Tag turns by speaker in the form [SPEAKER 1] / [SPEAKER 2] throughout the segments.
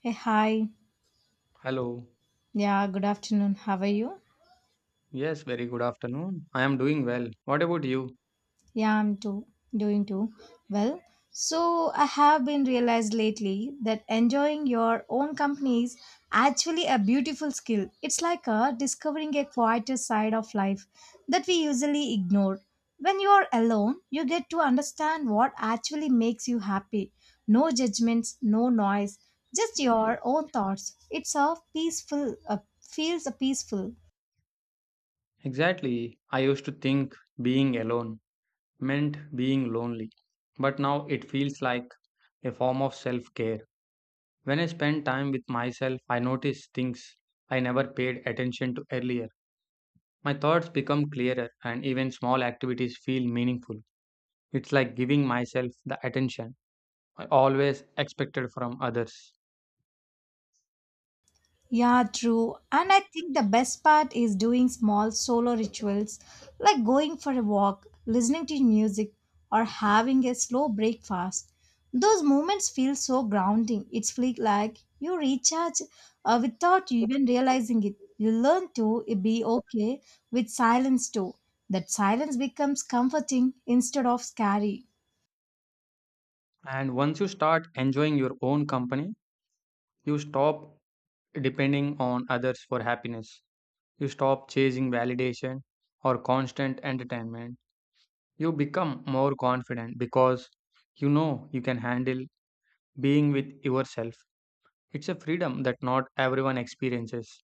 [SPEAKER 1] Hey, hi.
[SPEAKER 2] Hello.
[SPEAKER 1] Yeah, good afternoon. How are you?
[SPEAKER 2] Yes, very good afternoon. I am doing well. What about you?
[SPEAKER 1] Yeah, I'm too doing too well. So I have been realized lately that enjoying your own company is actually a beautiful skill. It's like a discovering a quieter side of life that we usually ignore. When you are alone, you get to understand what actually makes you happy. No judgments, no noise, just your own thoughts. It's a feels peaceful.
[SPEAKER 2] Exactly. I used to think being alone meant being lonely, but now it feels like a form of self care. When I spend time with myself, I notice things I never paid attention to earlier. My thoughts become clearer, and even small activities feel meaningful. It's like giving myself the attention I always expected from others.
[SPEAKER 1] Yeah, true. And I think the best part is doing small solo rituals like going for a walk, listening to music, or having a slow breakfast. Those moments feel so grounding. It's feel like you recharge without you even realizing it. You learn to be okay with silence too. That silence becomes comforting instead of scary.
[SPEAKER 2] And once you start enjoying your own company, you stop depending on others for happiness. You stop chasing validation or constant entertainment. You become more confident because you know you can handle being with yourself. It's a freedom that not everyone experiences.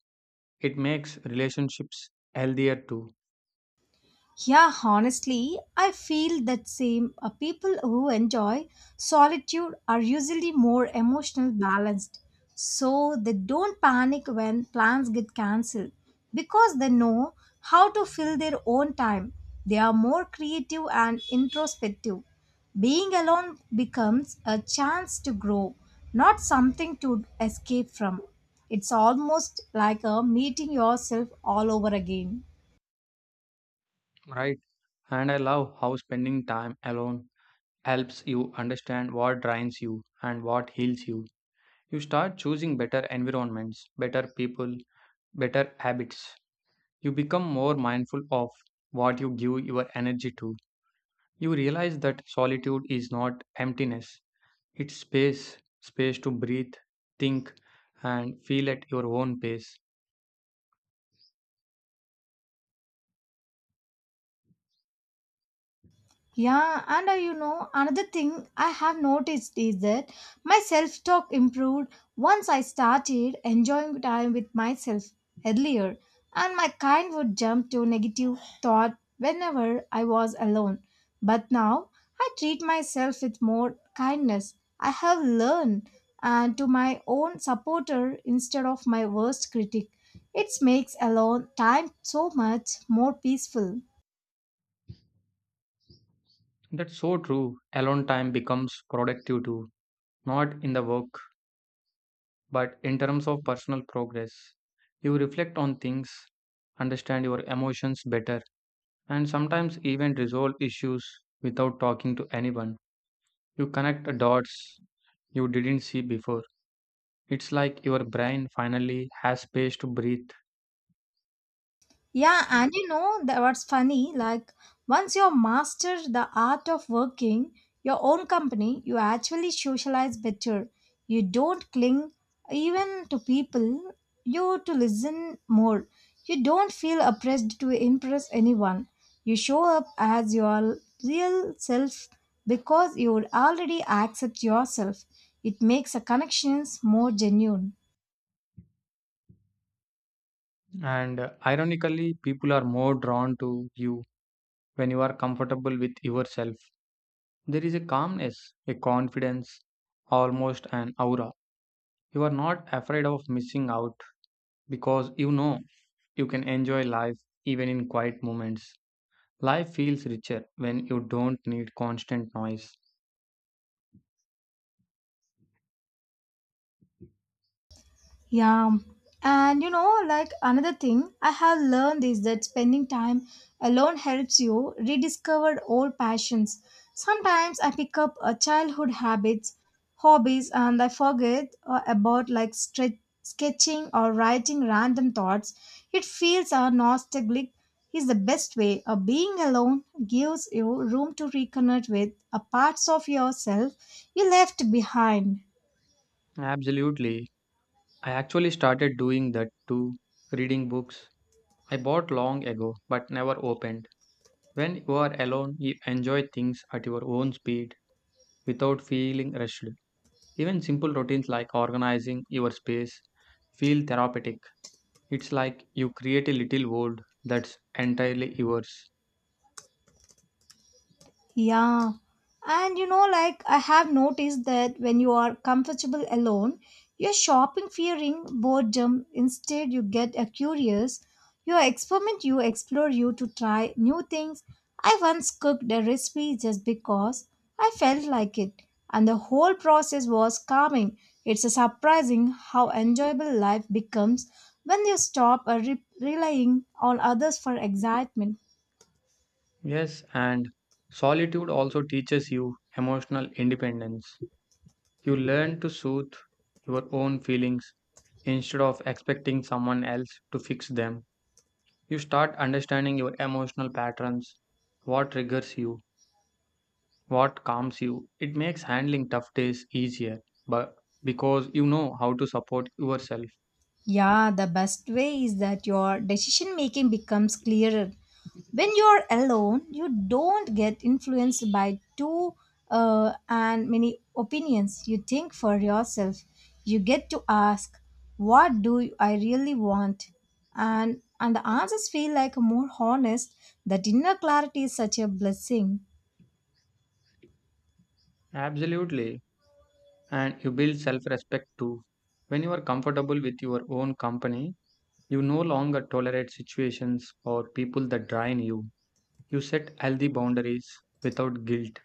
[SPEAKER 2] It makes relationships healthier too,
[SPEAKER 1] Yeah, honestly, I feel that same. People who enjoy solitude are usually more emotional balanced, so they don't panic when plans get cancelled because they know how to fill their own time. They are more creative and introspective. Being alone becomes a chance to grow, not something to escape from. It's almost like a meeting yourself all over again.
[SPEAKER 2] right? And I love how spending time alone helps you understand what drains you and what heals you. You start choosing better environments, better people, better habits. You become more mindful of what you give your energy to. You realize that solitude is not emptiness, it's space, space to breathe, think, and feel at your own pace.
[SPEAKER 1] Yeah, and another thing I have noticed is that my self talk improved once I started enjoying time with myself earlier, and my kind would jump to negative thought whenever I was alone. But now I treat myself with more kindness. I have learned and to my own supporter instead of my worst critic. It makes alone time so much more peaceful.
[SPEAKER 2] That's so true. Alone time becomes productive too, not in the work, but in terms of personal progress. You reflect on things, understand your emotions better, and sometimes even resolve issues without talking to anyone. You connect dots you didn't see before. It's like your brain finally has space to breathe.
[SPEAKER 1] Yeah, and you know that what's funny, like once you master the art of working your own company, you actually socialize better. You don't cling even to people, you to listen more. You don't feel oppressed to impress anyone. You show up as your real self because you already accept yourself. It makes the connections more genuine.
[SPEAKER 2] And ironically, people are more drawn to you when you are comfortable with yourself. There is a calmness, a confidence, almost an aura. You are not afraid of missing out because you know you can enjoy life even in quiet moments. Life feels richer when you don't need constant noise.
[SPEAKER 1] Yeah. And you know, like another thing I have learned is that spending time alone helps you rediscover old passions. Sometimes I pick up a childhood habits, hobbies, and I forget about like sketching or writing random thoughts. It feels nostalgic is the best way. Being alone gives you room to reconnect with a parts of yourself you left behind.
[SPEAKER 2] Absolutely. I actually started doing that too, reading books I bought long ago but never opened. When you are alone, you enjoy things at your own speed without feeling rushed. Even simple routines like organizing your space feel therapeutic. It's like you create a little world that's entirely yours.
[SPEAKER 1] Yeah. And you know, like I have noticed that when you are comfortable alone, you're shopping fearing boredom. Instead, you get a curious. You experiment, you explore, you to try new things. I once cooked a recipe just because I felt like it. And the whole process was calming. It's surprising how enjoyable life becomes when you stop relying on others for excitement.
[SPEAKER 2] Yes, and solitude also teaches you emotional independence. You learn to soothe your own feelings instead of expecting someone else to fix them. You start understanding your emotional patterns, what triggers you, what calms you. It makes handling tough days easier, but because you know how to support yourself.
[SPEAKER 1] Yeah, the best way is that your decision making becomes clearer. When you're alone, you don't get influenced by too and many opinions. You think for yourself. You get to ask, what do I really want? And the answers feel like more honest. That inner clarity is such a blessing.
[SPEAKER 2] Absolutely. And you build self respect too. When you are comfortable with your own company, you no longer tolerate situations or people that drain you. You set healthy boundaries without guilt.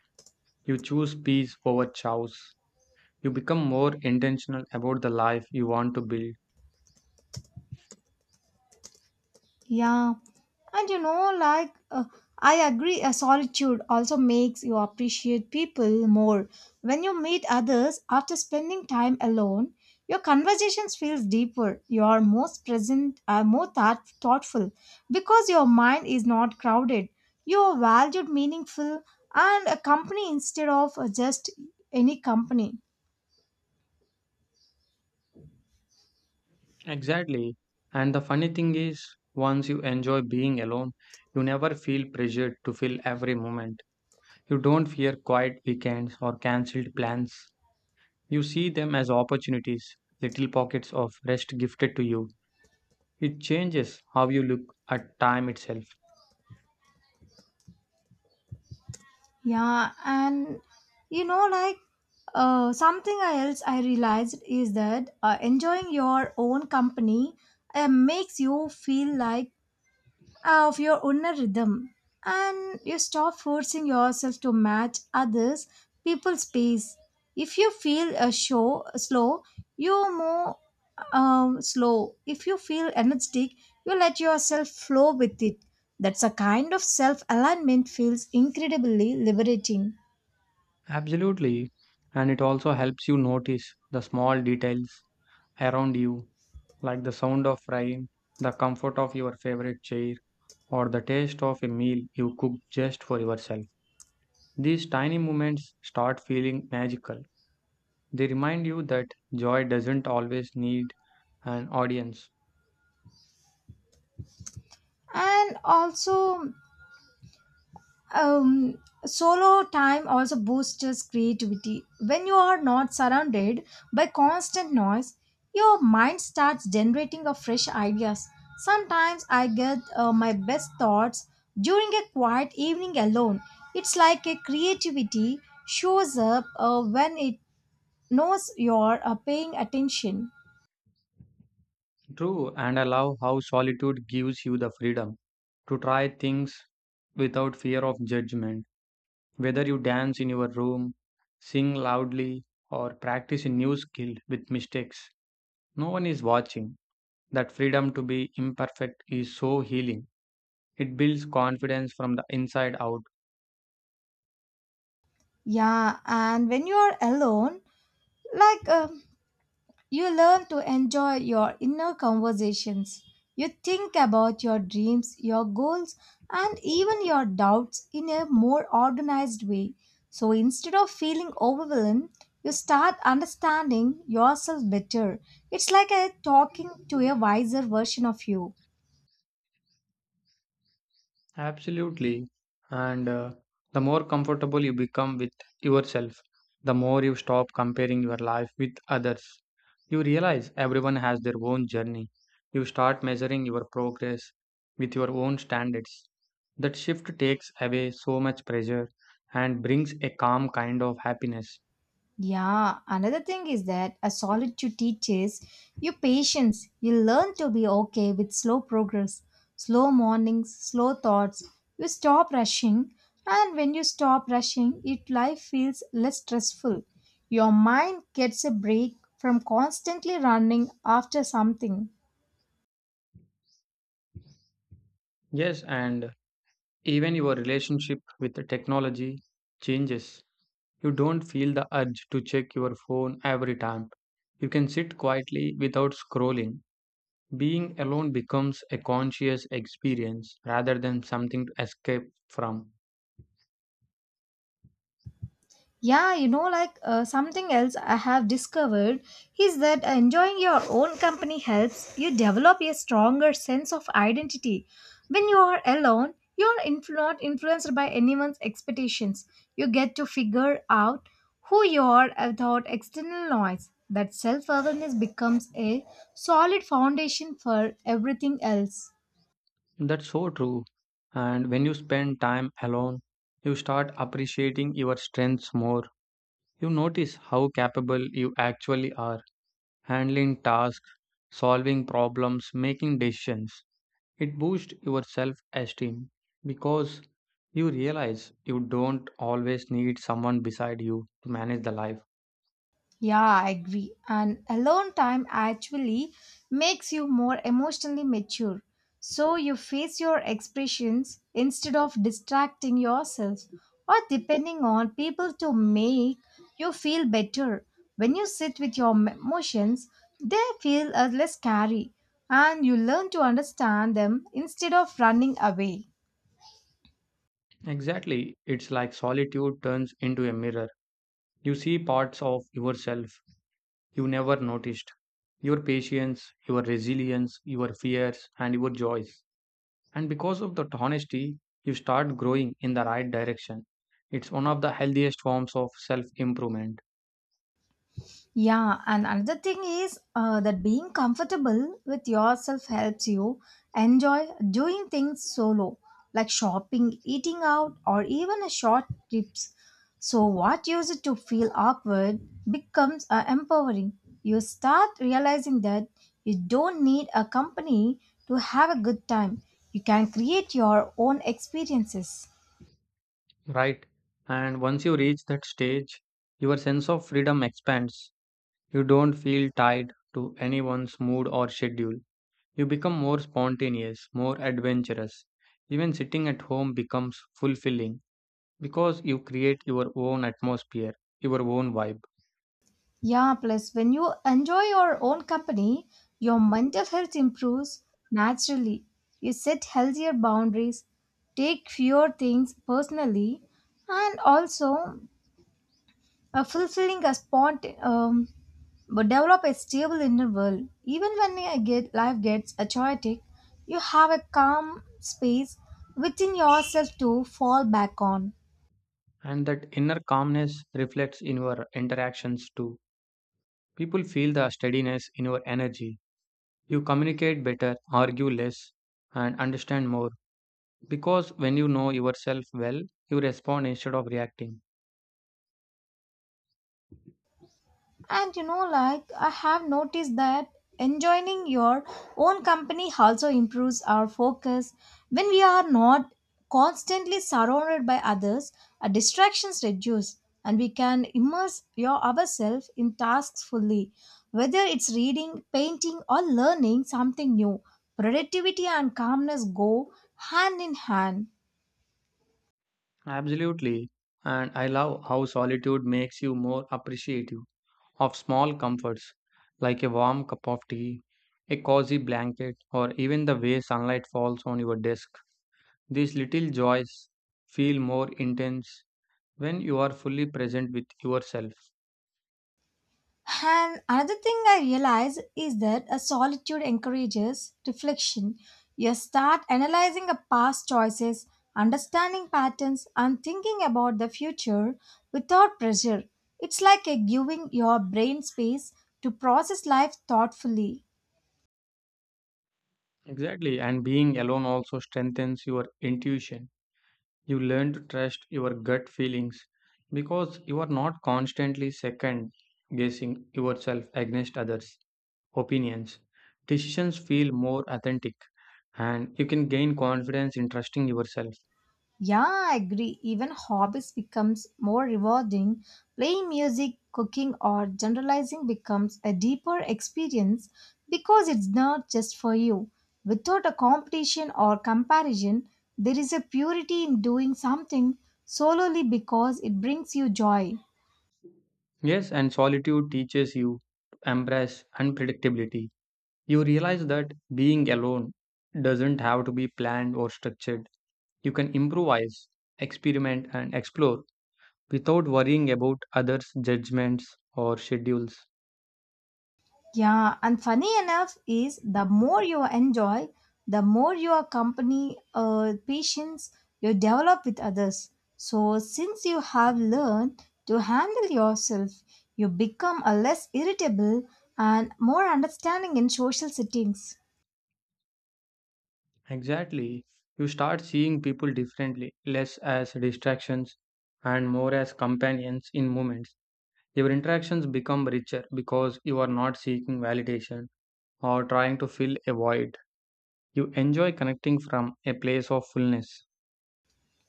[SPEAKER 2] You choose peace over chows. You become more intentional about the life you want to build.
[SPEAKER 1] Yeah, and I agree, solitude also makes you appreciate people more. When you meet others after spending time alone, your conversations feels deeper. You are most present, more thoughtful, because your mind is not crowded. You are valued, meaningful, and a company instead of just any company.
[SPEAKER 2] Exactly. And the funny thing is, once you enjoy being alone, you never feel pressured to fill every moment. You don't fear quiet weekends or cancelled plans. You see them as opportunities, little pockets of rest gifted to you. It changes how you look at time itself.
[SPEAKER 1] Yeah, and you know, like something else I realized is that enjoying your own company makes you feel like of your own rhythm, and you stop forcing yourself to match others people's pace. If you feel a show slow, you move slow. If you feel energetic, you let yourself flow with it. That's a kind of self alignment feels incredibly liberating.
[SPEAKER 2] Absolutely. And it also helps you notice the small details around you, like the sound of rain, the comfort of your favorite chair, or the taste of a meal you cooked just for yourself. These tiny moments start feeling magical. They remind you that joy doesn't always need an audience.
[SPEAKER 1] And also um, solo time also boosts creativity when you are not surrounded by constant noise. Your mind starts generating a fresh ideas. Sometimes I get my best thoughts during a quiet evening alone. It's like a creativity shows up when it knows you're paying attention.
[SPEAKER 2] True, and I love how solitude gives you the freedom to try things without fear of judgment. Whether you dance in your room, sing loudly, or practice a new skill with mistakes, no one is watching. That freedom to be imperfect is so healing. It builds confidence from the inside out.
[SPEAKER 1] Yeah, and when you are alone, like you learn to enjoy your inner conversations. You think about your dreams, your goals, and even your doubts in a more organized way. So instead of feeling overwhelmed, you start understanding yourself better. It's like a talking to a wiser version of you.
[SPEAKER 2] Absolutely. And the more comfortable you become with yourself, the more you stop comparing your life with others. You realize everyone has their own journey. You start measuring your progress with your own standards. That shift takes away so much pressure and brings a calm kind of happiness.
[SPEAKER 1] Yeah, another thing is that a solitude teaches you patience. You learn to be okay with slow progress, slow mornings, slow thoughts. You stop rushing, and when you stop rushing, it life feels less stressful. Your mind gets a break from constantly running after something.
[SPEAKER 2] Yes, and even your relationship with the technology changes. You don't feel the urge to check your phone every time. You can sit quietly without scrolling. Being alone becomes a conscious experience rather than something to escape from.
[SPEAKER 1] Yeah, something else I have discovered is that enjoying your own company helps you develop a stronger sense of identity. When you are alone, you are not influenced by anyone's expectations. You get to figure out who you are without external noise. That self awareness becomes a solid foundation for everything else.
[SPEAKER 2] That's so true. And when you spend time alone, you start appreciating your strengths more. You notice how capable you actually are handling tasks, solving problems, making decisions. It boosts your self esteem because you realize you don't always need someone beside you to manage the life.
[SPEAKER 1] Yeah, I agree. And alone time actually makes you more emotionally mature. So you face your expressions instead of distracting yourself or depending on people to make you feel better. When you sit with your emotions, they feel less scary and you learn to understand them instead of running away.
[SPEAKER 2] Exactly, it's like solitude turns into a mirror. You see parts of yourself you never noticed your patience, your resilience, your fears, and your joys. And because of that honesty, you start growing in the right direction. It's one of the healthiest forms of self improvement.
[SPEAKER 1] Yeah, and another thing is that being comfortable with yourself helps you enjoy doing things solo, like shopping, eating out, or even a short trips. So, what used to feel awkward becomes empowering. You start realizing that you don't need a company to have a good time. You can create your own experiences.
[SPEAKER 2] Right. And once you reach that stage, your sense of freedom expands. You don't feel tied to anyone's mood or schedule. You become more spontaneous, more adventurous. Even sitting at home becomes fulfilling because you create your own atmosphere, your own vibe.
[SPEAKER 1] Yeah, plus when you enjoy your own company, your mental health improves naturally. You set healthier boundaries, take fewer things personally, and also fulfilling a spot, but develop a stable inner world. Even when you get, life gets a chaotic, you have a calm space within yourself to fall back on.
[SPEAKER 2] And that inner calmness reflects in your interactions too. People feel the steadiness in your energy. You communicate better, argue less, and understand more. Because when you know yourself well, you respond instead of reacting.
[SPEAKER 1] And you know, like I have noticed that enjoying your own company also improves our focus when we are not constantly surrounded by others. Our distractions reduce, and we can immerse your ourselves in tasks fully, whether it's reading, painting, or learning something new. Productivity and calmness go hand in hand.
[SPEAKER 2] Absolutely. And I love how solitude makes you more appreciative of small comforts like a warm cup of tea, a cozy blanket, or even the way sunlight falls on your desk. These little joys feel more intense when you are fully present with yourself.
[SPEAKER 1] And another thing I realize is that a solitude encourages reflection. You start analyzing a past choices, understanding patterns, and thinking about the future without pressure. It's like a giving your brain space to process life thoughtfully.
[SPEAKER 2] Exactly. And being alone also strengthens your intuition. You learn to trust your gut feelings because you are not constantly second guessing yourself against others' opinions. Decisions feel more authentic and you can gain confidence in trusting yourself.
[SPEAKER 1] Yeah, I agree. Even hobbies becomes more rewarding. Playing music, cooking or generalizing becomes a deeper experience because it's not just for you. Without a competition or comparison, there is a purity in doing something solely because it brings you joy.
[SPEAKER 2] Yes, and solitude teaches you to embrace unpredictability. You realize that being alone doesn't have to be planned or structured. You can improvise, experiment, and explore without worrying about others' judgments or schedules.
[SPEAKER 1] Yeah, and funny enough is the more you enjoy, the more your company patience you develop with others. So since you have learned to handle yourself, you become a less irritable and more understanding in social settings.
[SPEAKER 2] Exactly. You start seeing people differently, less as distractions and more as companions in moments. Your interactions become richer because you are not seeking validation or trying to fill a void. You enjoy connecting from a place of fullness.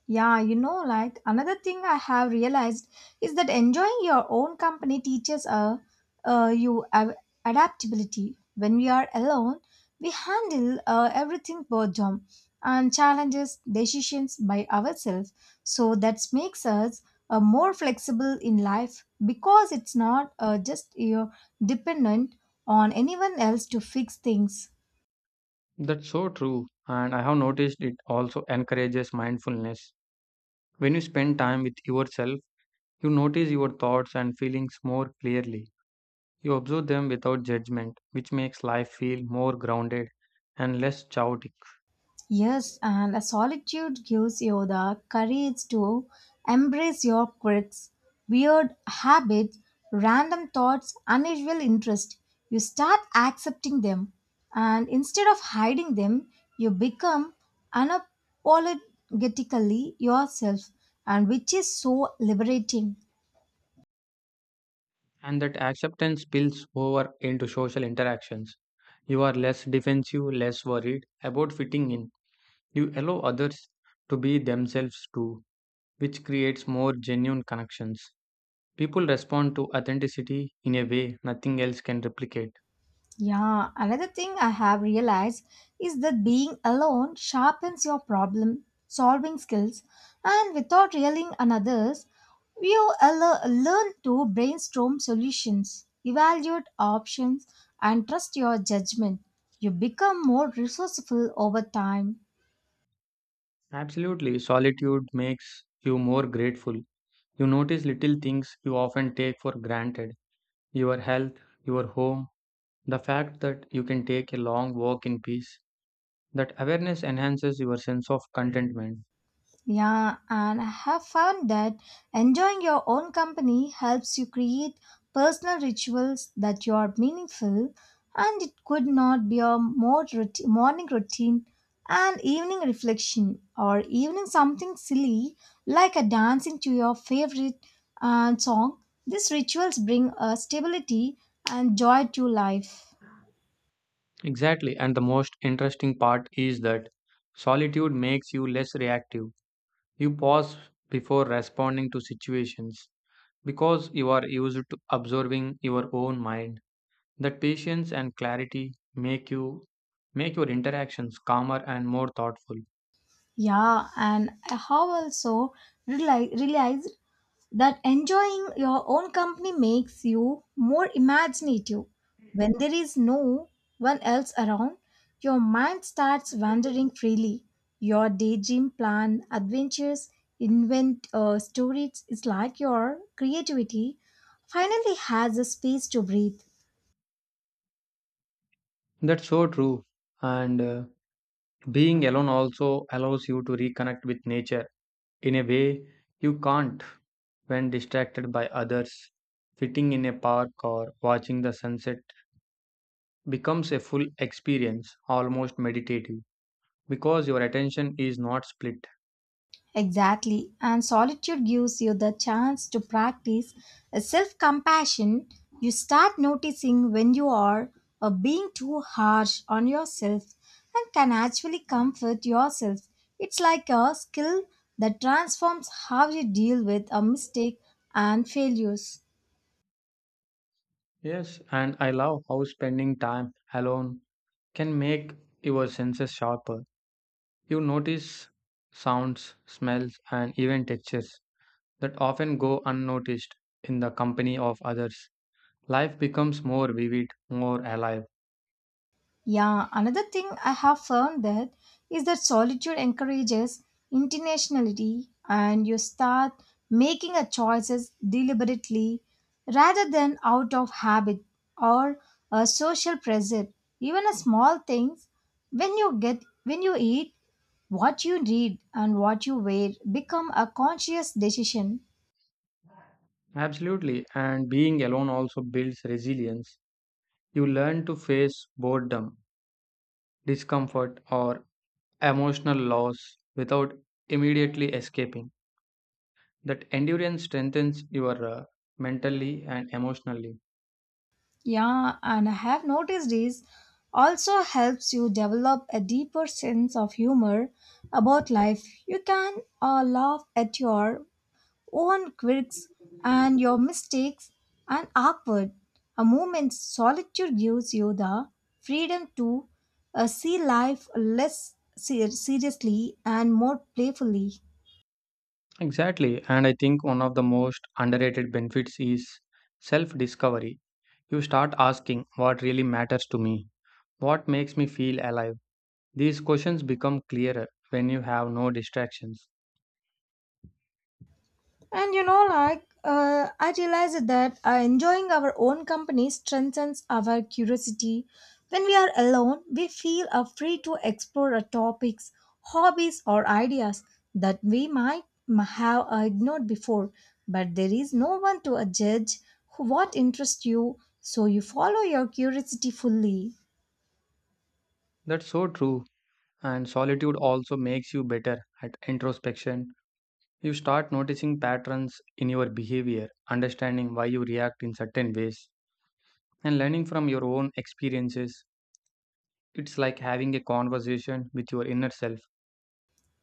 [SPEAKER 1] Yeah, you know, like another thing I have realized is that enjoying your own company teaches you adaptability. When we are alone, we handle everything boredom and challenges, decisions by ourselves. So that makes us more flexible in life because it's not just you know, dependent on anyone else to fix things.
[SPEAKER 2] That's so true, and I have noticed it also encourages mindfulness. When you spend time with yourself, you notice your thoughts and feelings more clearly. You observe them without judgment, which makes life feel more grounded and less chaotic.
[SPEAKER 1] Yes, and a solitude gives you the courage to embrace your quirks, weird habits, random thoughts, unusual interests. You start accepting them, and instead of hiding them, you become unapologetically yourself, and which is so liberating.
[SPEAKER 2] And that acceptance spills over into social interactions. You are less defensive, less worried about fitting in. You allow others to be themselves too, which creates more genuine connections. People respond to authenticity in a way nothing else can replicate.
[SPEAKER 1] Yeah, another thing I have realized is that being alone sharpens your problem solving skills, and without relying on others, you learn to brainstorm solutions, evaluate options, and trust your judgment. You become more resourceful over time.
[SPEAKER 2] Absolutely, solitude makes you more grateful. You notice little things you often take for granted your health, your home, the fact that you can take a long walk in peace, that awareness enhances your sense of contentment.
[SPEAKER 1] Yeah, and I have found that enjoying your own company helps you create personal rituals that you are meaningful, and it could not be a more routine, morning routine and evening reflection, or even something silly like a dancing to your favorite song. These rituals bring a stability and joy to life.
[SPEAKER 2] Exactly, and the most interesting part is that solitude makes you less reactive. You pause before responding to situations because you are used to observing your own mind. That patience and clarity make you make your interactions calmer and more thoughtful.
[SPEAKER 1] Yeah, and I have also realized that enjoying your own company makes you more imaginative. When there is no one else around, your mind starts wandering freely. Your daydream, plan, adventures, invent stories. It's like your creativity finally has a space to breathe.
[SPEAKER 2] That's so true. And being alone also allows you to reconnect with nature in a way you can't when distracted by others. Sitting in a park or watching the sunset becomes a full experience, almost meditative, because your attention is not split.
[SPEAKER 1] Exactly. And solitude gives you the chance to practice self compassion. You start noticing when you are being too harsh on yourself and can actually comfort yourself. It's like a skill that transforms how you deal with a mistake and failures.
[SPEAKER 2] Yes, and I love how spending time alone can make your senses sharper. You notice sounds, smells, and even textures that often go unnoticed in the company of others. Life becomes more vivid, more alive.
[SPEAKER 1] Yeah, another thing I have found that is that solitude encourages intentionality and you start making a choices deliberately rather than out of habit or a social pressure. Even a small things when you get when you eat what you read and what you wear become a conscious decision.
[SPEAKER 2] Absolutely. And being alone also builds resilience. You learn to face boredom, discomfort, or emotional loss without immediately escaping. That endurance strengthens your mentally and emotionally.
[SPEAKER 1] Yeah, and I have noticed this also helps you develop a deeper sense of humor about life. You can laugh at your own quirks and your mistakes and awkward a moment's solitude gives you the freedom to see life less seriously and more playfully.
[SPEAKER 2] Exactly. And I think one of the most underrated benefits is self discovery. You start asking what really matters to me, what makes me feel alive. These questions become clearer when you have no distractions.
[SPEAKER 1] And you know, like, I realized that enjoying our own company strengthens our curiosity. When we are alone, we feel free to explore topics, hobbies, or ideas that we might have ignored before. But there is no one to judge what interests you, so you follow your curiosity fully.
[SPEAKER 2] That's so true. And solitude also makes you better at introspection. You start noticing patterns in your behavior, understanding why you react in certain ways, and learning from your own experiences. It's like having a conversation with your inner self.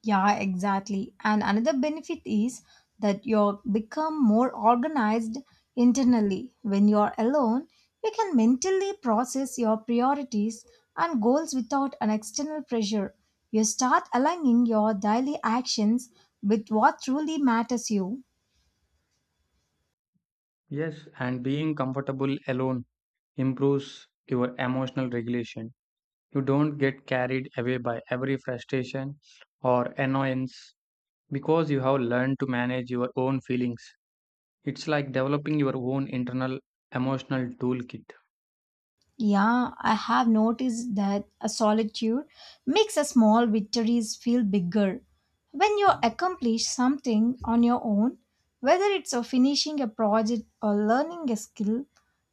[SPEAKER 1] Yeah, exactly. And another benefit is that you become more organized internally. When you are alone, you can mentally process your priorities and goals without an external pressure. You start aligning your daily actions with what truly matters you.
[SPEAKER 2] Yes, and being comfortable alone improves your emotional regulation. You don't get carried away by every frustration or annoyance because you have learned to manage your own feelings. It's like developing your own internal emotional toolkit.
[SPEAKER 1] Yeah, I have noticed that a solitude makes a small victories feel bigger. When you accomplish something on your own, whether it's a finishing a project or learning a skill,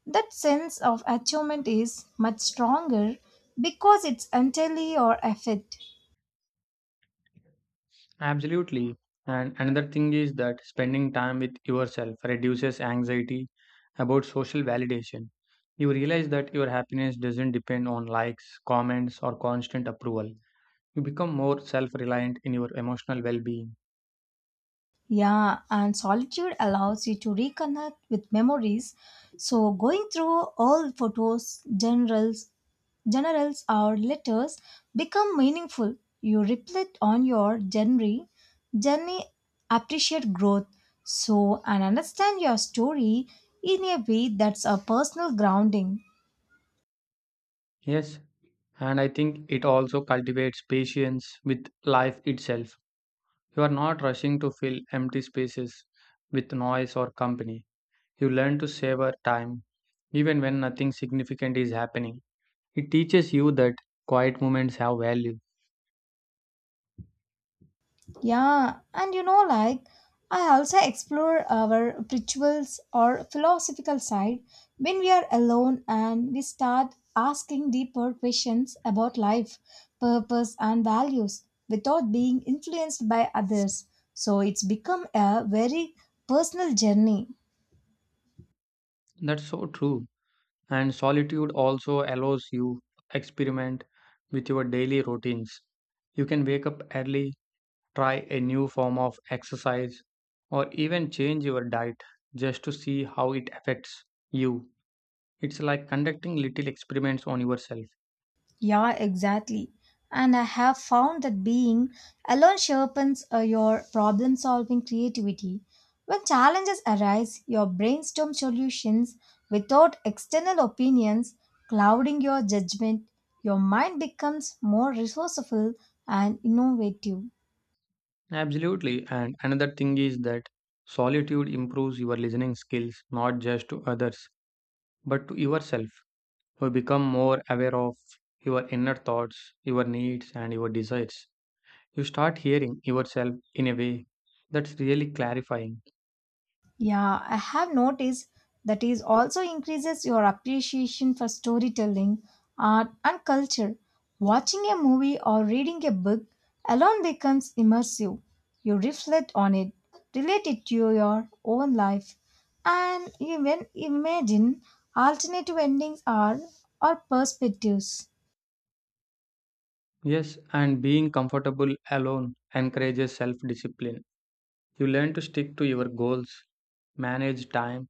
[SPEAKER 1] that sense of achievement is much stronger because it's entirely your effort.
[SPEAKER 2] Absolutely. And another thing is that spending time with yourself reduces anxiety about social validation. You realize that your happiness doesn't depend on likes, comments, or constant approval. You become more self reliant in your emotional well being.
[SPEAKER 1] Yeah, and solitude allows you to reconnect with memories. So going through old photos, generals, or letters become meaningful. You reflect on your journey, appreciate growth. So and understand your story in a way that's a personal grounding.
[SPEAKER 2] Yes, and I think it also cultivates patience with life itself. You are not rushing to fill empty spaces with noise or company. You learn to savor time even when nothing significant is happening. It teaches you that quiet moments have value.
[SPEAKER 1] Yeah, and you know, like I also explore our spirituals or philosophical side when we are alone and we start asking deeper questions about life, purpose, and values without being influenced by others. So it's become a very personal journey.
[SPEAKER 2] That's so true. And solitude also allows you experiment with your daily routines. You can wake up early, try a new form of exercise, or even change your diet just to see how it affects you. It's like conducting little experiments on yourself.
[SPEAKER 1] Yeah, exactly. And I have found that being alone sharpens your problem solving creativity. When challenges arise, your brainstorm solutions without external opinions clouding your judgment. Your mind becomes more resourceful and innovative.
[SPEAKER 2] Absolutely. And another thing is that solitude improves your listening skills, not just to others, but to yourself. You become more aware of your inner thoughts, your needs, and your desires. You start hearing yourself in a way that's really clarifying.
[SPEAKER 1] Yeah, I have noticed that is also increases your appreciation for storytelling, art, and culture. Watching a movie or reading a book alone becomes immersive. You reflect on it, relate it to your own life, and even imagine alternative endings or perspectives.
[SPEAKER 2] Yes, and being comfortable alone encourages self discipline. You learn to stick to your goals, manage time,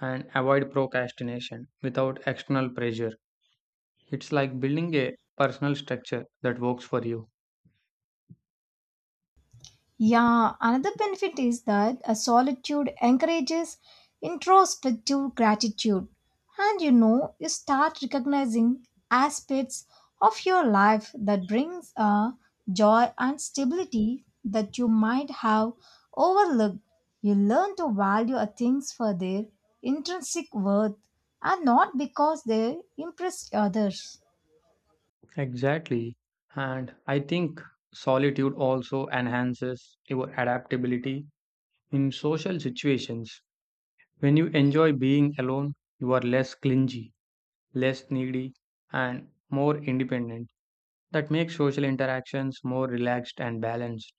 [SPEAKER 2] and avoid procrastination without external pressure. It's like building a personal structure that works for you.
[SPEAKER 1] Yeah, another benefit is that a solitude encourages introspective gratitude. And you know, you start recognizing aspects of your life that brings a joy and stability that you might have overlooked. You learn to value a things for their intrinsic worth and not because they impress others.
[SPEAKER 2] Exactly. And I think solitude also enhances your adaptability in social situations. When you enjoy being alone, you are less clingy, less needy, and more independent. That makes social interactions more relaxed and balanced.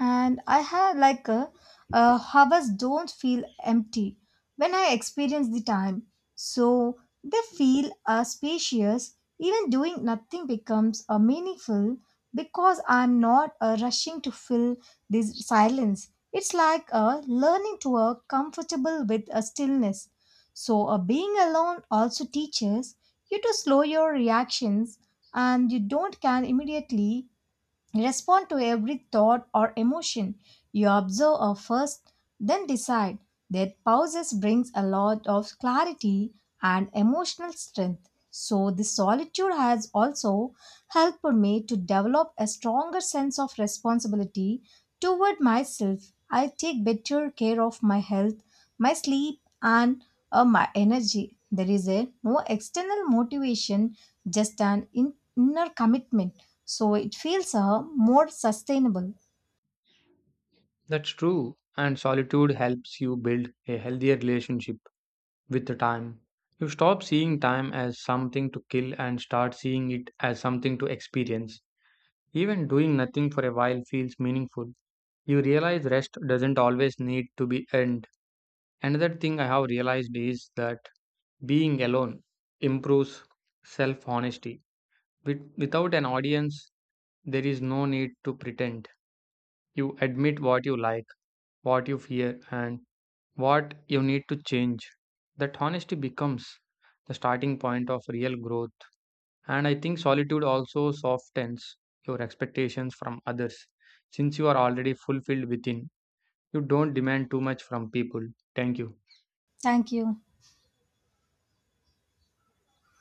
[SPEAKER 1] And I have like a, hours don't feel empty when I experience the time. So they feel spacious. Even doing nothing becomes meaningful because I'm not rushing to fill this silence. It's like learning to work comfortable with a stillness. So being alone also teaches you to slow your reactions and you don't can immediately respond to every thought or emotion you observe or first, then decide. That pauses brings a lot of clarity and emotional strength. So this solitude has also helped me to develop a stronger sense of responsibility toward myself. I take better care of my health, my sleep and my energy. There is a no external motivation, just an inner commitment. So it feels more sustainable.
[SPEAKER 2] That's true. And solitude helps you build a healthier relationship with the time. You stop seeing time as something to kill and start seeing it as something to experience. Even doing nothing for a while feels meaningful. You realize rest doesn't always need to be earned. Another thing I have realized is that being alone improves self honesty. Without an audience, there is no need to pretend. You admit what you like, what you fear, and what you need to change. That honesty becomes the starting point of real growth. And I think solitude also softens your expectations from others. Since you are already fulfilled within, you don't demand too much from people. Thank you.
[SPEAKER 1] Thank you.